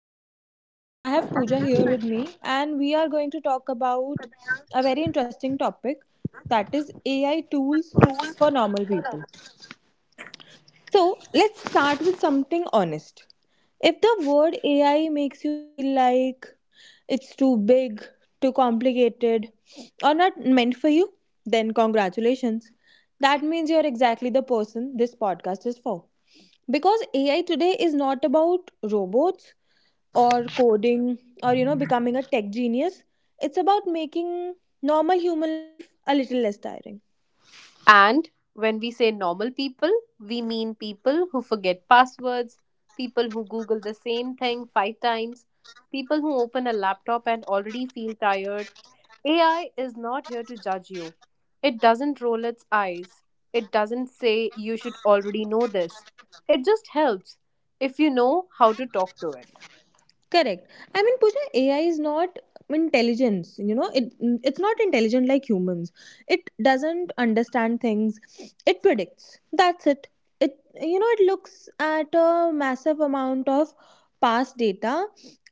I am Palak and I have Pooja here with me, and we are going to talk about a very interesting topic that is AI tools for normal people. So let's start with something honest. If the word AI makes you feel like it's too big, too complicated, or not meant for you, then congratulations. That means you're exactly the person this podcast is for. Because AI today is not about robots or coding or becoming a tech genius. It's about making normal human life a little less tiring. And when we say normal people, we mean people who forget passwords, people who Google the same thing five times, people who open a laptop and already feel tired. AI is not here to judge you. It doesn't roll its eyes. It doesn't say you should already know this. It just helps if you know how to talk to it. Correct. I mean, Pooja, AI is not intelligence. You know, it's not intelligent like humans. It doesn't understand things. It predicts. That's it. It looks at a massive amount of past data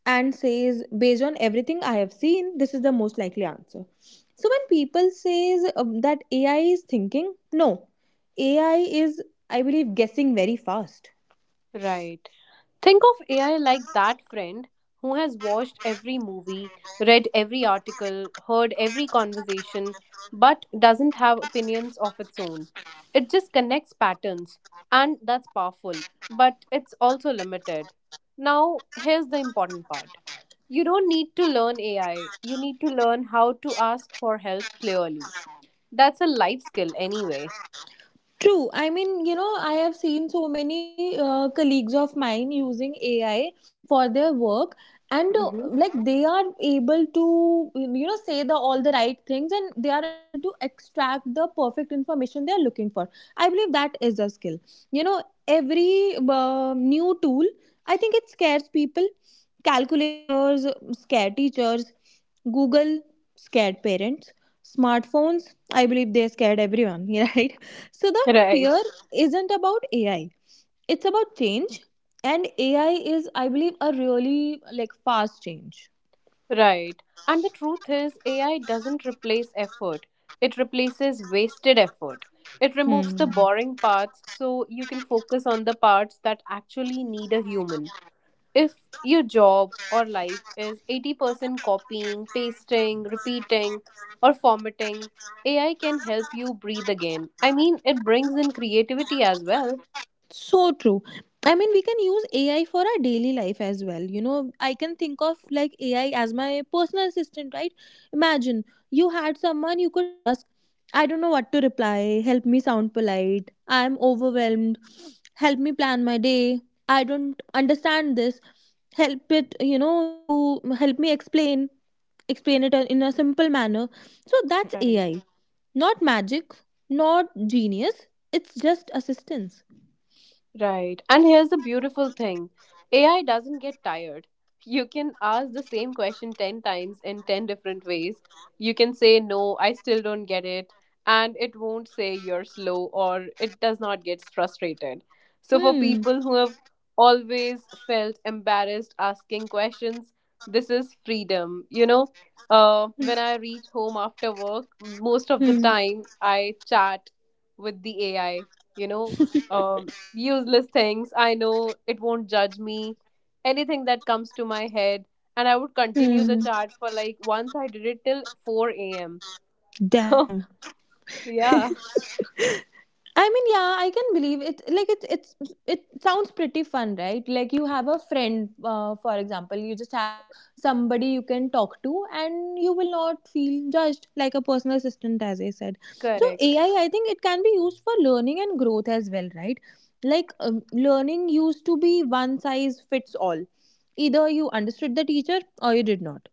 and says, based on everything I have seen, this is the most likely answer. So when people says that AI is thinking, no, AI is, I believe, guessing very fast. Right. Think of AI like that friend who has watched every movie, read every article, heard every conversation, but doesn't have opinions of its own. It just connects patterns, and that's powerful, but it's also limited. Now, here's the important part: you don't need to learn AI, you need to learn how to ask for help clearly. That's a life skill, anyway. True. I mean, you know, I have seen so many colleagues of mine using AI for their work, and Hmm. like they are able to say the all the right things, and they are able to extract the perfect information they are looking for. I believe that is a skill. You know, every new tool, I think it scares people. Calculators scare teachers, Google scared parents, smartphones, I believe, they scared everyone right. So the Right. fear isn't about AI, it's about change. And AI is, I believe, a really like fast change. Right. And the truth is, AI doesn't replace effort, it replaces wasted effort. It removes Hmm. the boring parts so you can focus on the parts that actually need a human. If your job or life is 80% copying, pasting, repeating, or formatting, AI can help you breathe again. I mean, it brings in creativity as well. So true. I mean, we can use AI for our daily life as well. You know, I can think of like AI as my personal assistant, right? Imagine you had someone you could ask, I don't know what to reply, help me sound polite, I'm overwhelmed, help me plan my day, I don't understand this, help it, to help me explain it in a simple manner. So that's Right. AI, not magic, not genius, it's just assistance. Right. And here's the beautiful thing: AI doesn't get tired. You can ask the same question 10 times in 10 different ways. You can say, no, I still don't get it. And it won't say you're slow or it does not get frustrated. So, for Hmm. people who have always felt embarrassed asking questions, this is freedom. You know, Hmm. when I reach home after work, most of the Hmm. time I chat with the AI. You know, um useless things. I know it won't judge me. Anything that comes to my head. And I would continue the Hmm. chart for like once I did it till 4 a.m. So, Damn. yeah, I mean, yeah, I can believe it. Like it sounds pretty fun, right? Like you have a friend, for example, you just have somebody you can talk to, and you will not feel judged like a personal assistant, as I said. So correct. AI, I think it can be used for learning and growth as well, right? Like learning used to be one size fits all. Either you understood the teacher or you did not.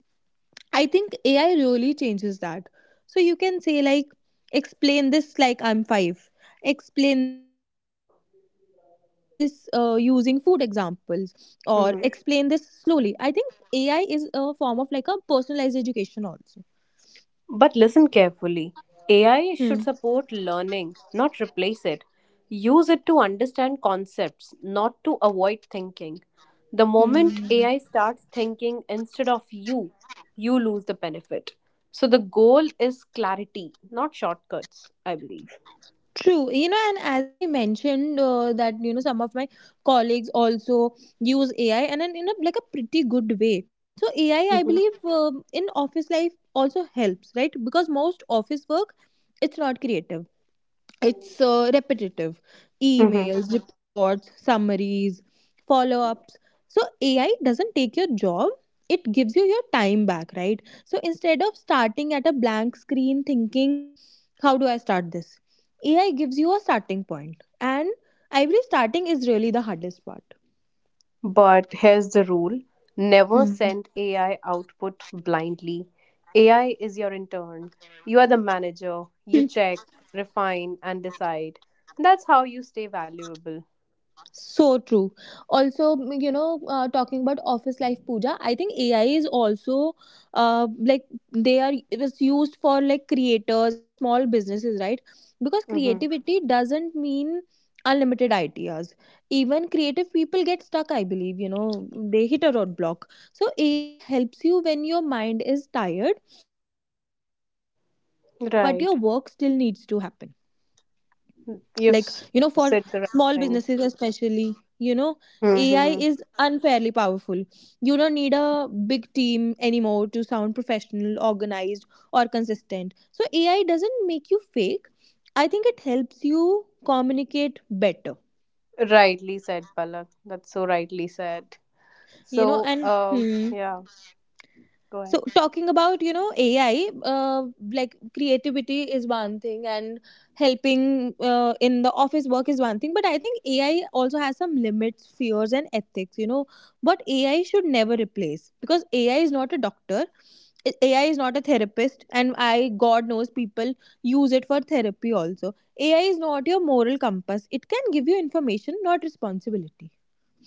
I think AI really changes that. So you can say like explain this like I'm 5. Explain this using food examples or explain this slowly. I think Hmm. AI is a form of like a personalized education also. But listen carefully. AI Hmm. should support learning, not replace it. Use it to understand concepts, not to avoid thinking. The moment Hmm. AI starts thinking instead of you, you lose the benefit. So the goal is clarity, not shortcuts, I believe. True, you know, and as I mentioned, that some of my colleagues also use AI and then in a like a pretty good way. So, AI, I believe, in office life also helps, right? Because most office work it's not creative, it's repetitive Mm-hmm. emails, reports, summaries, follow ups. So, AI doesn't take your job, it gives you your time back, right? So, instead of starting at a blank screen thinking how do I start this? AI gives you a starting point, and every starting is really the hardest part. But here's the rule: never send AI output blindly. AI is your intern. You are the manager. You check, refine, and decide. That's how you stay valuable. So true. Also, you know, talking about office life, Pooja, I think AI is also like they are it is used for like creators and small businesses, right? Because Hmm. creativity doesn't mean unlimited ideas. Even creative people get stuck, I believe, they hit a roadblock. So, AI helps you when your mind is tired, but your work still needs to happen Right. like for You've s- small Said the businesses right thing. especially. you know AI is Hmm. unfairly powerful. You don't need a big team anymore to sound professional, organized, or consistent. So AI doesn't make you fake, I think it helps you communicate better, Rightly said, Palak. That's so rightly said. So, and yeah, go ahead. so talking about AI, like creativity is one thing and helping in the office work is one thing, but I think AI also has some limits, fears, and ethics. You know what AI should never replace, because AI is not a doctor. AI is not a therapist, and I, god knows, people use it for therapy also. AI is not your moral compass, it can give you information, not responsibility.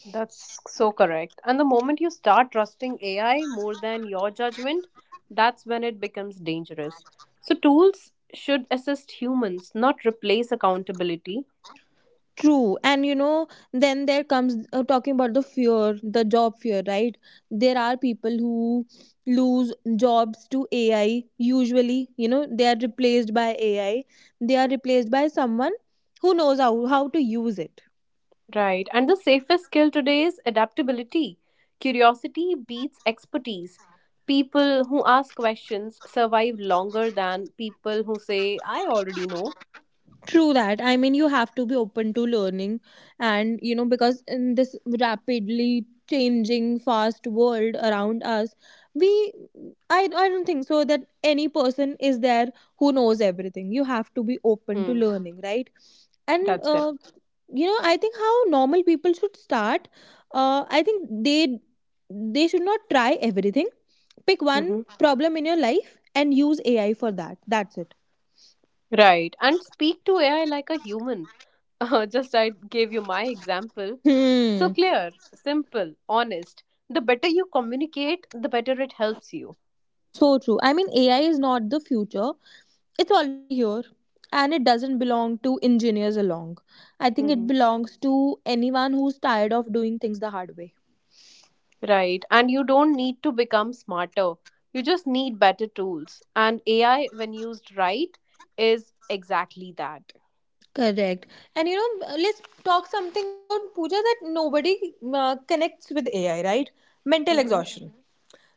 That's so correct. And the moment you start trusting AI more than your judgment, that's when it becomes dangerous. So, tools should assist humans, not replace accountability. True, and you know, then there comes talking about the fear, the job fear, right? There are people who lose jobs to AI. Usually, you know, they are replaced by AI. They are replaced by someone who knows how to use it. Right. And the safest skill today is adaptability. Curiosity beats expertise. People who ask questions survive longer than people who say, I already know. True that. I mean, you have to be open to learning, and you know, because in this rapidly changing, fast world around us, we, I don't think so that any person is there who knows everything. You have to be open to Hmm. learning, right? And That's correct. You know, I think how normal people should start. I think they should not try everything. Pick one Hmm. problem in your life and use AI for that. That's it. Right. And speak to AI like a human. Just I gave you my example. So Hmm. clear, simple, honest. The better you communicate, the better it helps you. So true. I mean, AI is not the future, it's already here and it doesn't belong to engineers alone. I think Hmm. it belongs to anyone who's tired of doing things the hard way. Right. And you don't need to become smarter. You just need better tools. And AI, when used right, is exactly that. Correct. And you know, let's talk something about Pooja that nobody connects with AI, right? Mental Hmm. exhaustion.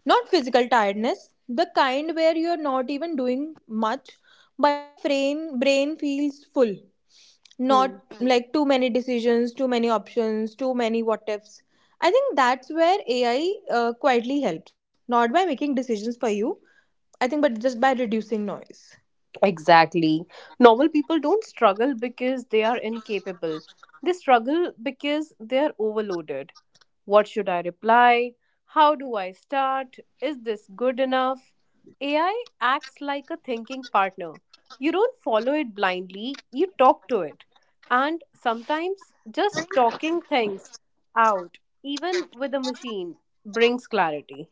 Not physical tiredness, the kind where you're not even doing much, but your brain feels full. Hmm. Not like too many decisions, too many options, too many what ifs. I think that's where AI quietly helps, not by making decisions for you, I think, but just by reducing noise. Exactly. Normal people don't struggle because they are incapable, they struggle because they are overloaded. What should I reply? How do I start? Is this good enough? AI acts like a thinking partner. You don't follow it blindly, you talk to it. And sometimes just talking things out, even with a machine, brings clarity.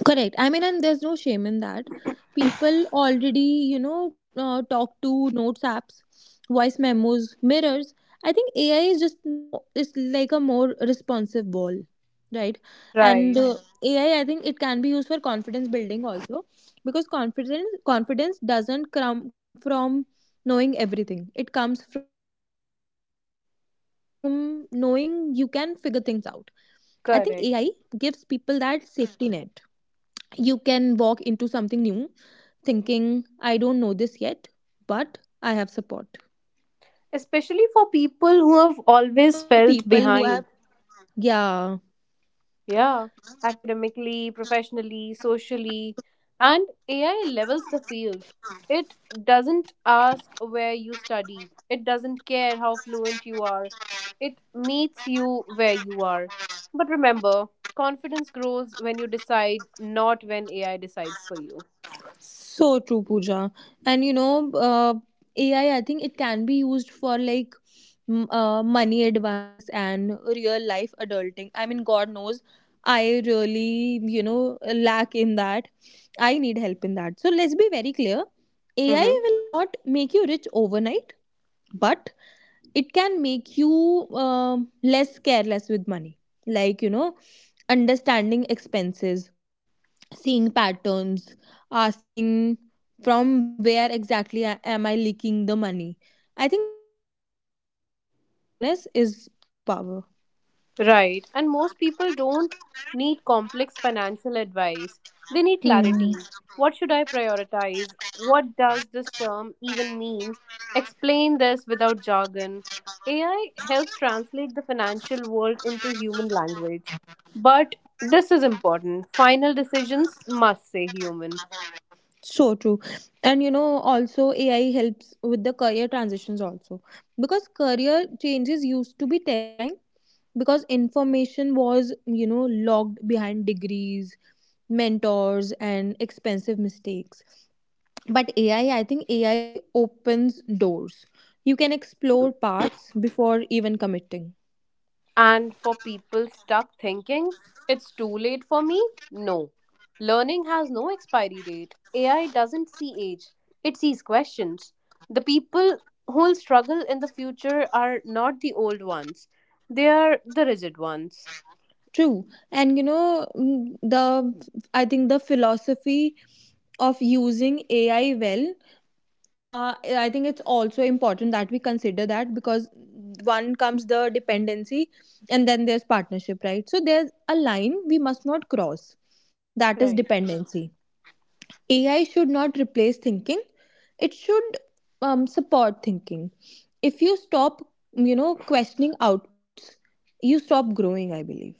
Correct. I mean, and there's no shame in that. People already, talk to notes apps, voice memos, mirrors. I think AI is just more, it's like a more responsive ball, right? And Right, AI, I think it can be used for confidence building also, because confidence doesn't come from knowing everything. It comes from knowing you can figure things out. I think AI gives people that correct. safety net. You can walk into something new thinking I don't know this yet, but I have support. Especially for And people you who know, have especially for always people felt who have, behind. yeah, Yeah, academically, professionally, socially, and AI levels the field. It doesn't ask where you studied, it doesn't care how fluent you are, it meets you where you are. But remember, confidence grows when you decide, not when AI decides for you. so true, Pooja. And you know, AI, I think it can be used for like money advice and real life adulting. I mean, god knows I really, lack in that, I need help in that. So let's be very clear, AI Mm-hmm. will not make you rich overnight, but it can make you less careless with money. Like, you know, understanding expenses, seeing patterns, asking from where exactly am I leaking the money. I think that's awareness, and awareness is true power. Right. And most people don't need complex financial advice. They need Hmm. clarity. What should I prioritize? What does this term even mean? Explain this without jargon. AI helps translate the financial world into human language. But this is important. Final decisions must say human. So true. And you know, also AI helps with the career transitions also. Because career changes used to be terrifying because information was, locked behind degrees, mentors, and expensive mistakes. But AI, I think AI opens doors. You can explore paths before even committing. And for people stuck thinking, it's too late for me? No. Learning has no expiry date. AI doesn't see age, it sees questions. The people who will struggle in the future are not the old ones, they are the rigid ones. True. And you know, mm, the I think the philosophy of using AI well. uh, I think it's also important that we consider that, because one comes the dependency and then there's partnership, right? So there's a line we must not cross, that is Right. dependency. AI should not replace thinking, it should, support thinking. If you stop, questioning outputs, you stop growing, I believe.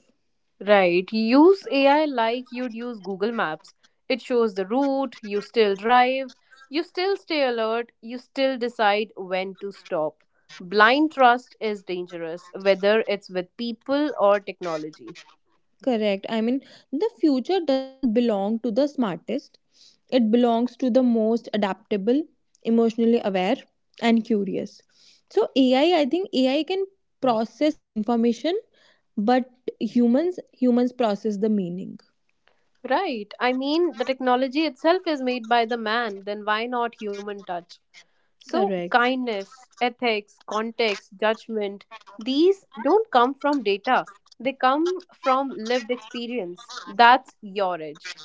Right. Use AI like you'd use Google Maps. It shows the route, you still drive, you still stay alert, you still decide when to stop. Blind trust is dangerous, whether it's with people or technology. Correct. I mean, the future does not belong to the smartest, it belongs to the most adaptable, emotionally aware, and curious. So, AI, I think AI can process information, but humans process the meaning. Right. I mean, the technology itself is made by the man, then why not human touch? So, Correct. kindness, ethics, context, judgment, these don't come from data, they come from lived experience. That's your edge.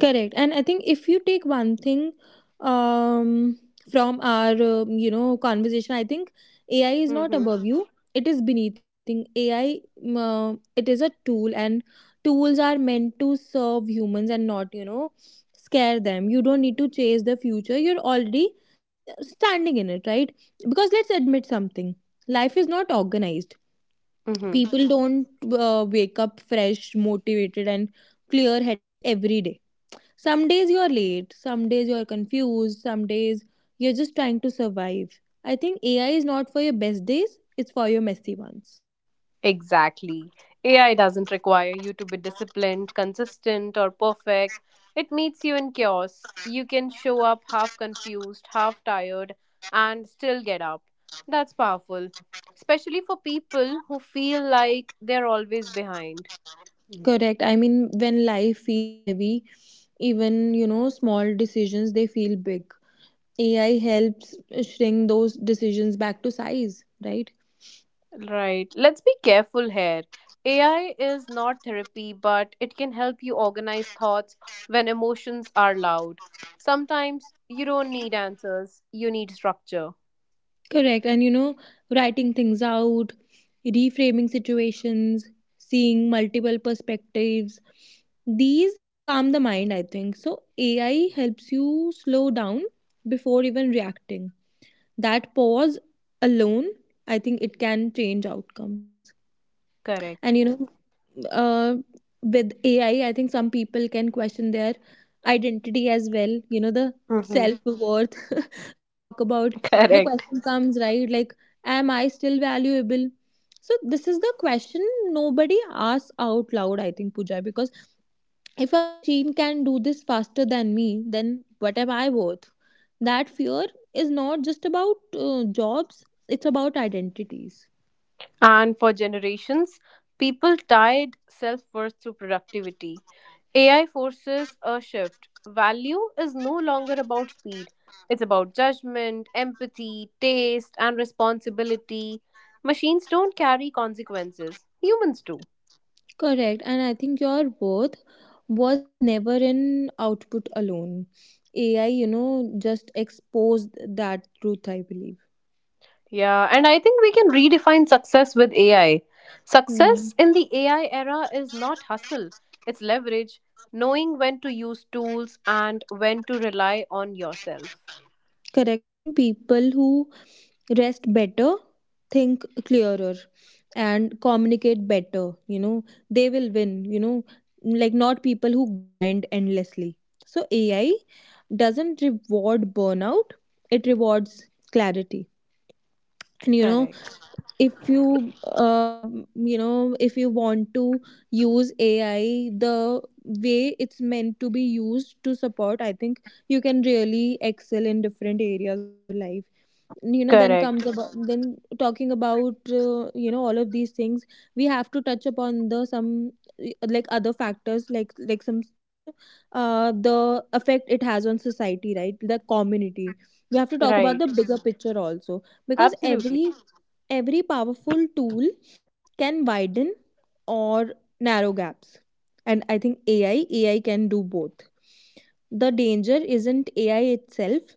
Correct. And I think if you take one thing, um, from our, conversation, I think AI is not Mm-hmm. above you. It is beneath you. I think AI, it is a tool and tools are meant to serve humans and not, scare them. You don't need to chase the future. You're already standing in it, right? Because let's admit something. Life is not organized. Mm-hmm. People don't wake up fresh, motivated and clear-headed every day. Some days you're late, some days you're confused, some days you're just trying to survive. I think AI is not for your best days, it's for your messy ones. Exactly. AI doesn't require you to be disciplined, consistent, or perfect. It meets you in chaos. You can show up half confused, half tired, and still get up. That's powerful, especially for people who feel like they're always behind. Mm. Correct. I mean, when life feels heavy, even, small decisions, they feel big. AI helps shrink those decisions back to size, right? Right. Let's be careful here. AI is not therapy, but it can help you organize thoughts when emotions are loud. Sometimes you don't need answers, you need structure. Correct. And you know, writing things out, reframing situations, seeing multiple perspectives, these calm the mind, I think. So, AI helps you slow down before even reacting. That pause alone, I think it can change outcomes. And you Correct. know, uh, with AI, I think some people can question their identity as well, you know, the Hmm. self worth we talk about. The Correct. question comes, right? Like, am I still valuable? So this is the question nobody asks out loud, I think, Pooja. Because if a machine can do this faster than me, then what am I worth? That fear is not just about jobs, it's about identities. And for generations, people tied self worth through productivity. AI forces a shift. Value is no longer about speed, it's about judgment, empathy, taste, and responsibility. Machines don't carry consequences, humans do. Correct. And I think your worth was never in output alone. AI, you know, just exposed that truth, I believe. Yeah, and I think we can redefine success with AI. Hmm. Success in the AI era is not hustle, it's leverage, knowing when to use tools and when to rely on yourself. Correct. I think people who rest better, think clearer, and communicate better, you know, they will win, you know, like, not people who grind endlessly. So AI doesn't reward burnout, it rewards clarity. And you know, Correct. if you, you know, if you want to use AI the way it's meant to be used to support, I think you can really excel in different areas of your life. You know, then Correct. comes about, then talking about you know, all of these things, we have to touch upon the some eh, like other factors, like some, you know, uh, the effect it has on society, right, the community. We have to talk about Right. the bigger picture also, because Absolutely. Every powerful tool can widen or narrow gaps, and I think ai can do both. The danger isn't AI itself,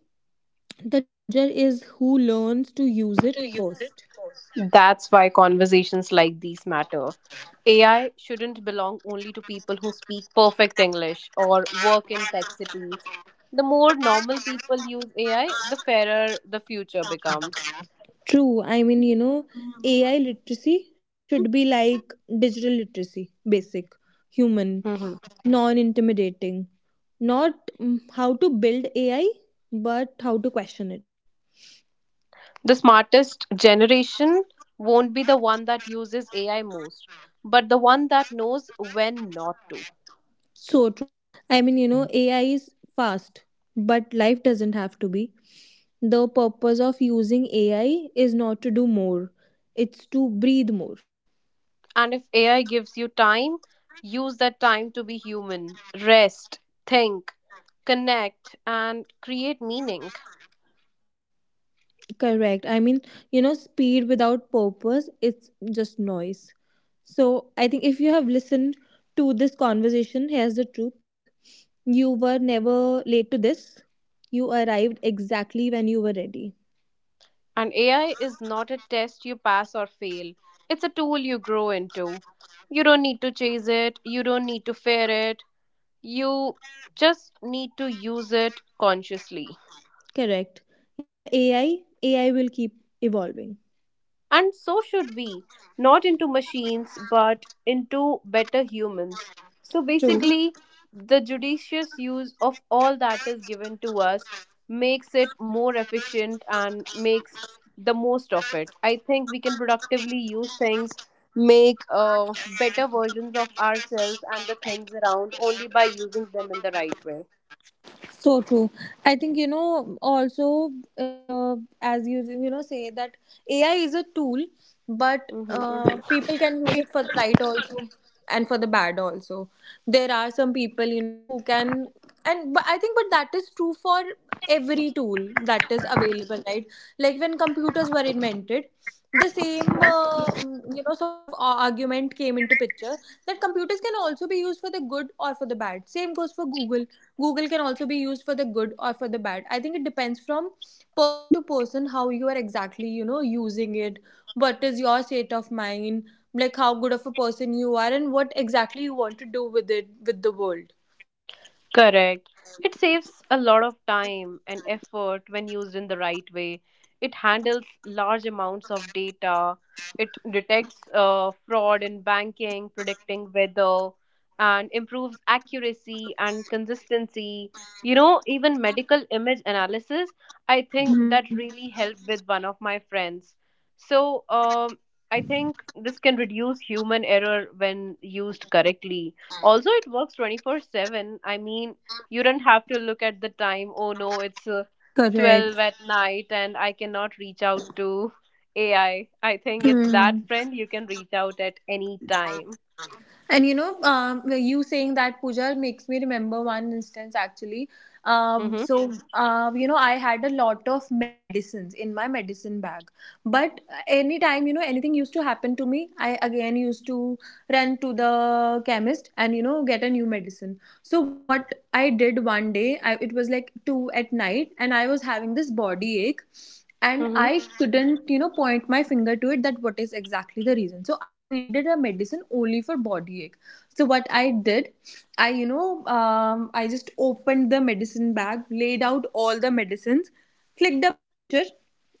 the danger is who learns to use it first. That's why conversations like these matter. AI shouldn't belong only to people who speak perfect English or work in tech cities. The more normal people use AI, the fairer the future becomes. True. I mean, you know, AI literacy should be like digital literacy: basic, human, Mhm. non intimidating. Not how to build AI, but how to question it. The smartest generation won't be the one that uses AI most, but the one that knows when not to. So true. I mean, you know, AI is fast, but life doesn't have to be. The purpose of using AI is not to do more, it's to breathe more. And if AI gives you time, use that time to be human, rest, think, connect, and create meaning. Correct. I mean, you know, speed without purpose, it's just noise. So I think if you have listened to this conversation, here's the truth. You were never late to this. You arrived exactly when you were ready. And AI is not a test you pass or fail, it's a tool you grow into. You don't need to chase it, you don't need to fear it, you just need to use it consciously. Correct. You know, AI will keep evolving. And so should we, not into machines, but into better humans. So True. basically, the judicious use of all that is given to us makes it more efficient and makes the most of it. I think we can productively use things, make better versions of ourselves and the things around only by using them in the right way. So true. I think, you know, also uh, as you you know say that AI is a tool, but Hmm. Mhm, people can use it for the right also, and for the bad also. There are some people, you know, who can. And but I think, but that is true for every tool that is available, right? Like, when computers were invented, the same you know, sort of argument came into picture that computers can also be used for the good or for the bad. Same goes for Google. Google can also be used for the good or for the bad. I think it depends from person to person how you are exactly, you know, using it, what is your state of mind, like how good of a person you are, and what exactly you want to do with it, with the world. Correct. It saves a lot of time and effort when used in the right way. It handles large amounts of data. It detects fraud in banking, predicting weather, and improves accuracy and consistency. You know, even medical image analysis, I think that Hmm. really helped with one of my friends. So, I think this can reduce human error when used correctly. Also, it works 24/7. I mean, you don't have to look at the time. Oh no, it's Correct. 12 at night and I cannot reach out to AI. I think it's that Hmm. friend you can reach out at any time. And you know, you saying that, Puja, makes me remember one instance actually. Mhm. You know, I had a lot of medicines in my medicine bag, but anytime, you know, anything used to happen to me, I again used to run to the chemist and, you know, get a new medicine. So what I did one day, I, it was like 2 at night and I was having this body ache, and Mhm. I couldn't, you know, point my finger to it, that what is exactly the reason. So I needed a medicine only for body ache. So what I did, you know, I just opened the medicine bag, laid out all the medicines, clicked a picture,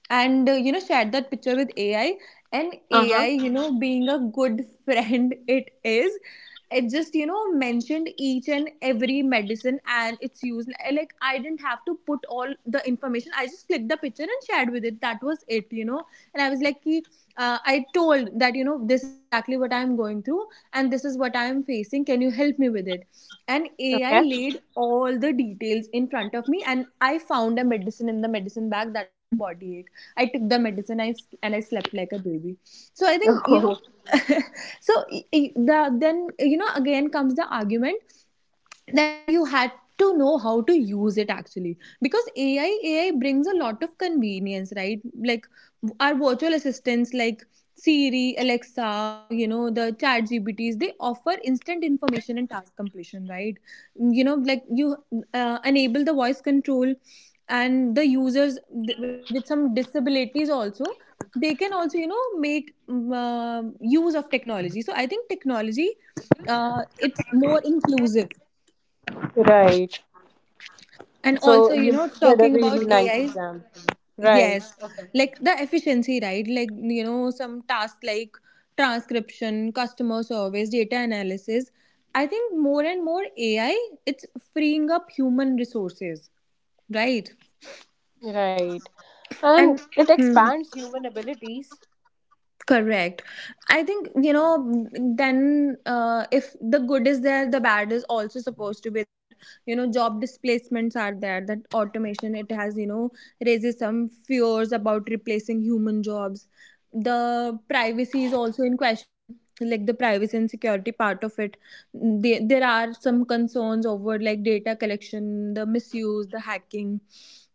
and you know, shared that picture with AI. And AI, Uh-huh. you know, being a good friend it is, it just, you know, mentioned each and every medicine and its use. Like, I didn't have to put all the information, I just clicked the picture and shared with it, that was it, you know. And I was like, "Ki, I told that, you know, this is exactly what I'm going through and this is what I'm facing. Can you help me with it? And AI Okay. laid all the details in front of me, and I found a medicine in the medicine bag that was for body ache. I took the medicine, and I slept like a baby. So I think, you know, Oh, so then, you know, again comes the argument that you had to know how to use it actually. Because AI brings a lot of convenience, right? Like, our virtual assistants like Siri, Alexa, you know, the Chat GPTs, they offer instant information and task completion, right? You know, like, you enable the voice control, and the users, like, with some disabilities also, they can also, you know, make use of technology. So I think technology, it's more inclusive. right. And So also, you you know, said a talking really about nice AI, example. Right. yes, Okay. like the efficiency, right? Like, you know, some tasks like transcription, customer service, data analysis, I think more and more AI, it's freeing up human resources, right? Right. And And it hmm, expands human abilities. correct. I think, you know, then if the good is there, the bad is also supposed to be there. You know, job displacements are there. That automation, it has, you know, raises some fears about replacing human jobs. The privacy is also in question, like the privacy and security part of it. There are some concerns over like data collection, the misuse, the hacking,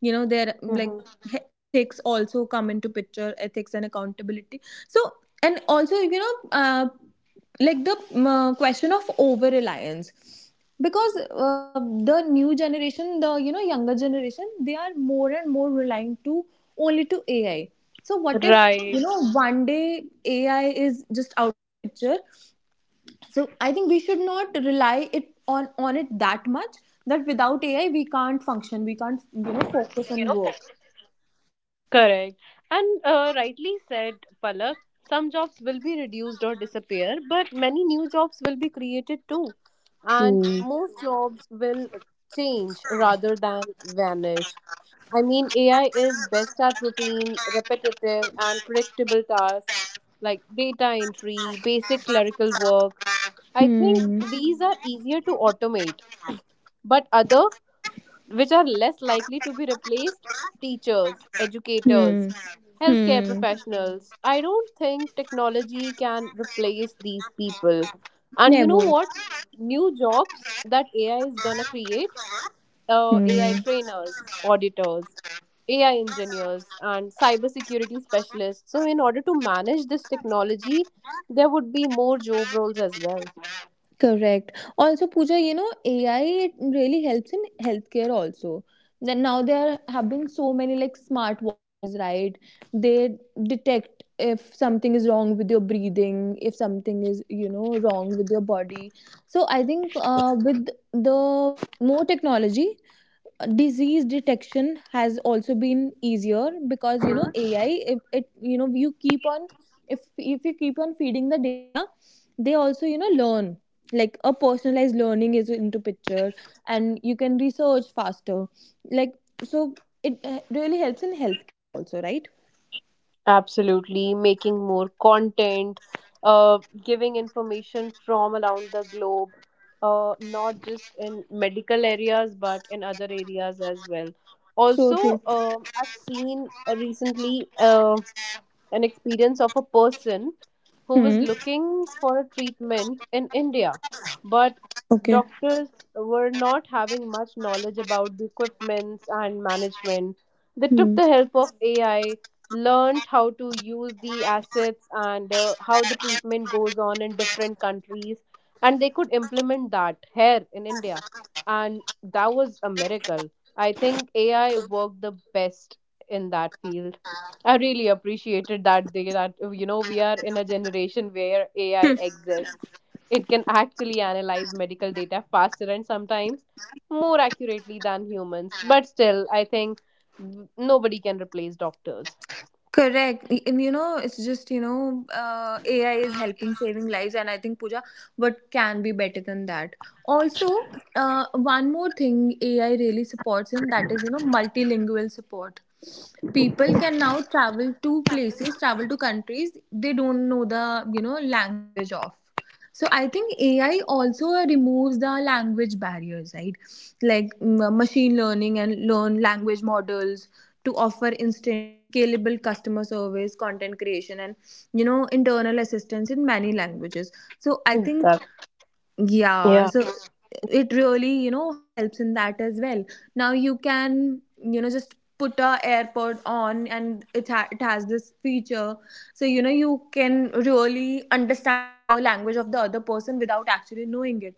you know, there like Mm-hmm. Ethics also come into picture, ethics and accountability. So, and also, you know, like the question of over reliance. Because the new generation, the you know younger generation, they are more and more relying to only to AI. So what if, you Right. know, one day AI is just out of the picture? So I think we should not rely it on it that much, that without AI we can't function, we can't, you know, focus on work. Correct. And rightly said, Palak, some jobs will be reduced or disappear, but many new jobs will be created too. And True. most jobs will change rather than vanish. I mean, AI is best at routine, repetitive, and predictable tasks like data entry, basic clerical work. I think Hmm. these are easier to automate, but other which are less likely to be replaced teachers, Hmm. educators, healthcare Hmm. professionals. I don't think technology can replace these people. And you know Never. what? New jobs that AI is gonna create AI trainers, auditors, AI engineers, and cybersecurity specialists. So, in order to manage this technology, there would be more job roles as well. Hmm. Correct. Also, Pooja, you know, AI, it really helps in healthcare also. Then now there have been so many like smart watches, right? They detect if something is wrong with your breathing, if something is, you know, wrong with your body. So I think with the more technology, disease detection has also been easier. Because, you know, AI, if it, you know, you keep on, if you keep on feeding the data, they also, you know, learn, like a personalized learning is into picture, and you can research faster, like, so it, really helps in healthcare also, right? Absolutely, making more content, uh, giving information from around the globe, not just in medical areas but in other areas as well. So true. Also, I've seen recently. An experience of a person who was Hmm. looking for a treatment in India, but Okay. doctors were not having much knowledge about the equipments and management. They took Hmm. the help of AI, learned how to use the assets and how the treatment goes on in different countries, and they could implement that here in India. And that was a miracle. I think AI worked the best in that field. I really appreciated that day that you know we are in a generation where AI exists. It can actually analyze medical data faster and sometimes more accurately than humans. But still, I think nobody can replace doctors. Correct. And you know, it's just, you know, AI is helping saving lives. And I think, Pooja, what can be better than that? Also, one more thing AI really supports in that is, you know, multilingual support. People can now travel to places, travel to countries they don't know the, you know, language of. So I think AI also removes the language barriers, right? Like, machine learning and learn language models to offer instant, scalable customer service, content creation, and you know, internal assistance in many languages. So I think, That, yeah, yeah. so it really, you know, helps in that as well. Now you can, you know, just put a AirPod on, and it, it has this feature. So, you know, you can really understand the language of the other person without actually knowing it.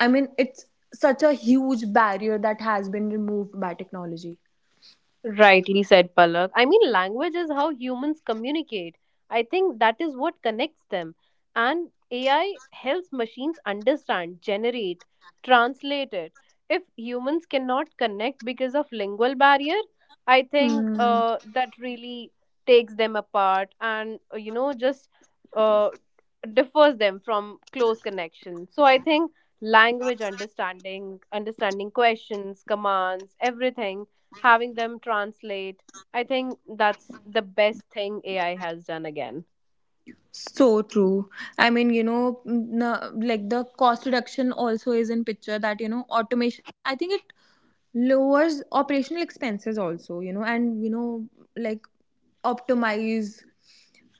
I mean, it's such a huge barrier that has been removed by technology. Rightly said Palak. I mean, language is how humans communicate. I think that is what connects them. And AI helps machines understand, generate, translate it. If humans cannot connect because of lingual barrier, I think Hmm. That really takes them apart and, you know, just uh, differs them from close connection. So I think language understanding, understanding questions, commands, everything having them translate. I think that's the best thing AI has done again. So true. I mean, you know, like the cost reduction also is in picture, that, you know, automation, I think it lowers operational expenses also, you know. And you know, like, optimize,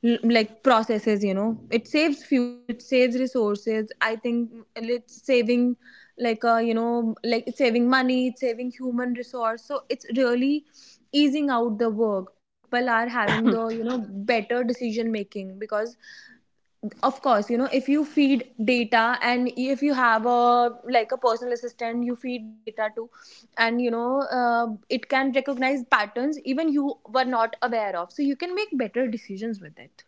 like processes, you know, it saves fuel, it saves resources, I think it's saving, like, you know, like, it's saving money, it's saving human resource. So it's really easing out the work, people are having the, you know, better decision making. Because of course, you know, if you feed data, and if you have a like a personal assistant you feed data to, and you know, it can recognize patterns even you were not aware of, so you can make better decisions with it.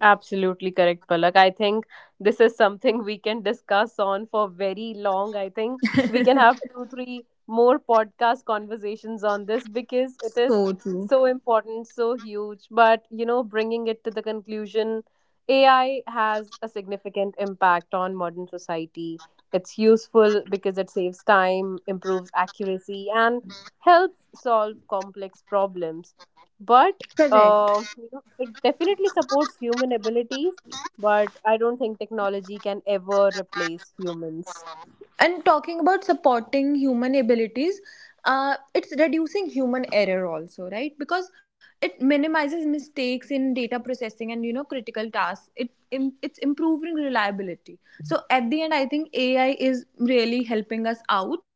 Absolutely correct, Palak. I think this is something we can discuss on for very long. I think we can have two, three more podcast conversations on this because it is So true. so important, so huge. But, you know, bringing it to the conclusion, AI has a significant impact on modern society. It's useful because it saves time, improves accuracy, and helps solve complex problems. But Correct. You know, it definitely supports human abilities, but I don't think technology can ever replace humans. And talking about supporting human abilities, it's reducing human error also, right? Because it minimizes mistakes in data processing and, you know, critical tasks, it's improving reliability. So at the end, I think AI is really helping us out.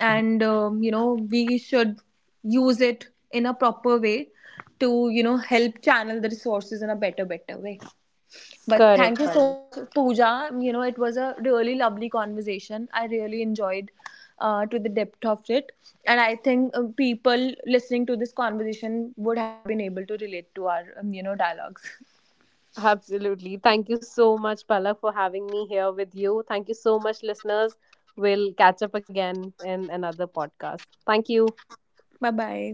And you know, we should use it in a proper way to, you know, help channel the resources in a better better way. But thank Correct, you so Palak. much, Pooja. You know, it was a really lovely conversation. I really enjoyed to the depth of it. And I think people listening to this conversation would have been able to relate to our, you know, dialogues. Absolutely. Thank you so much, Palak, for having me here with you. Thank you so much, listeners. We'll catch up again in another podcast. Thank you. Bye bye.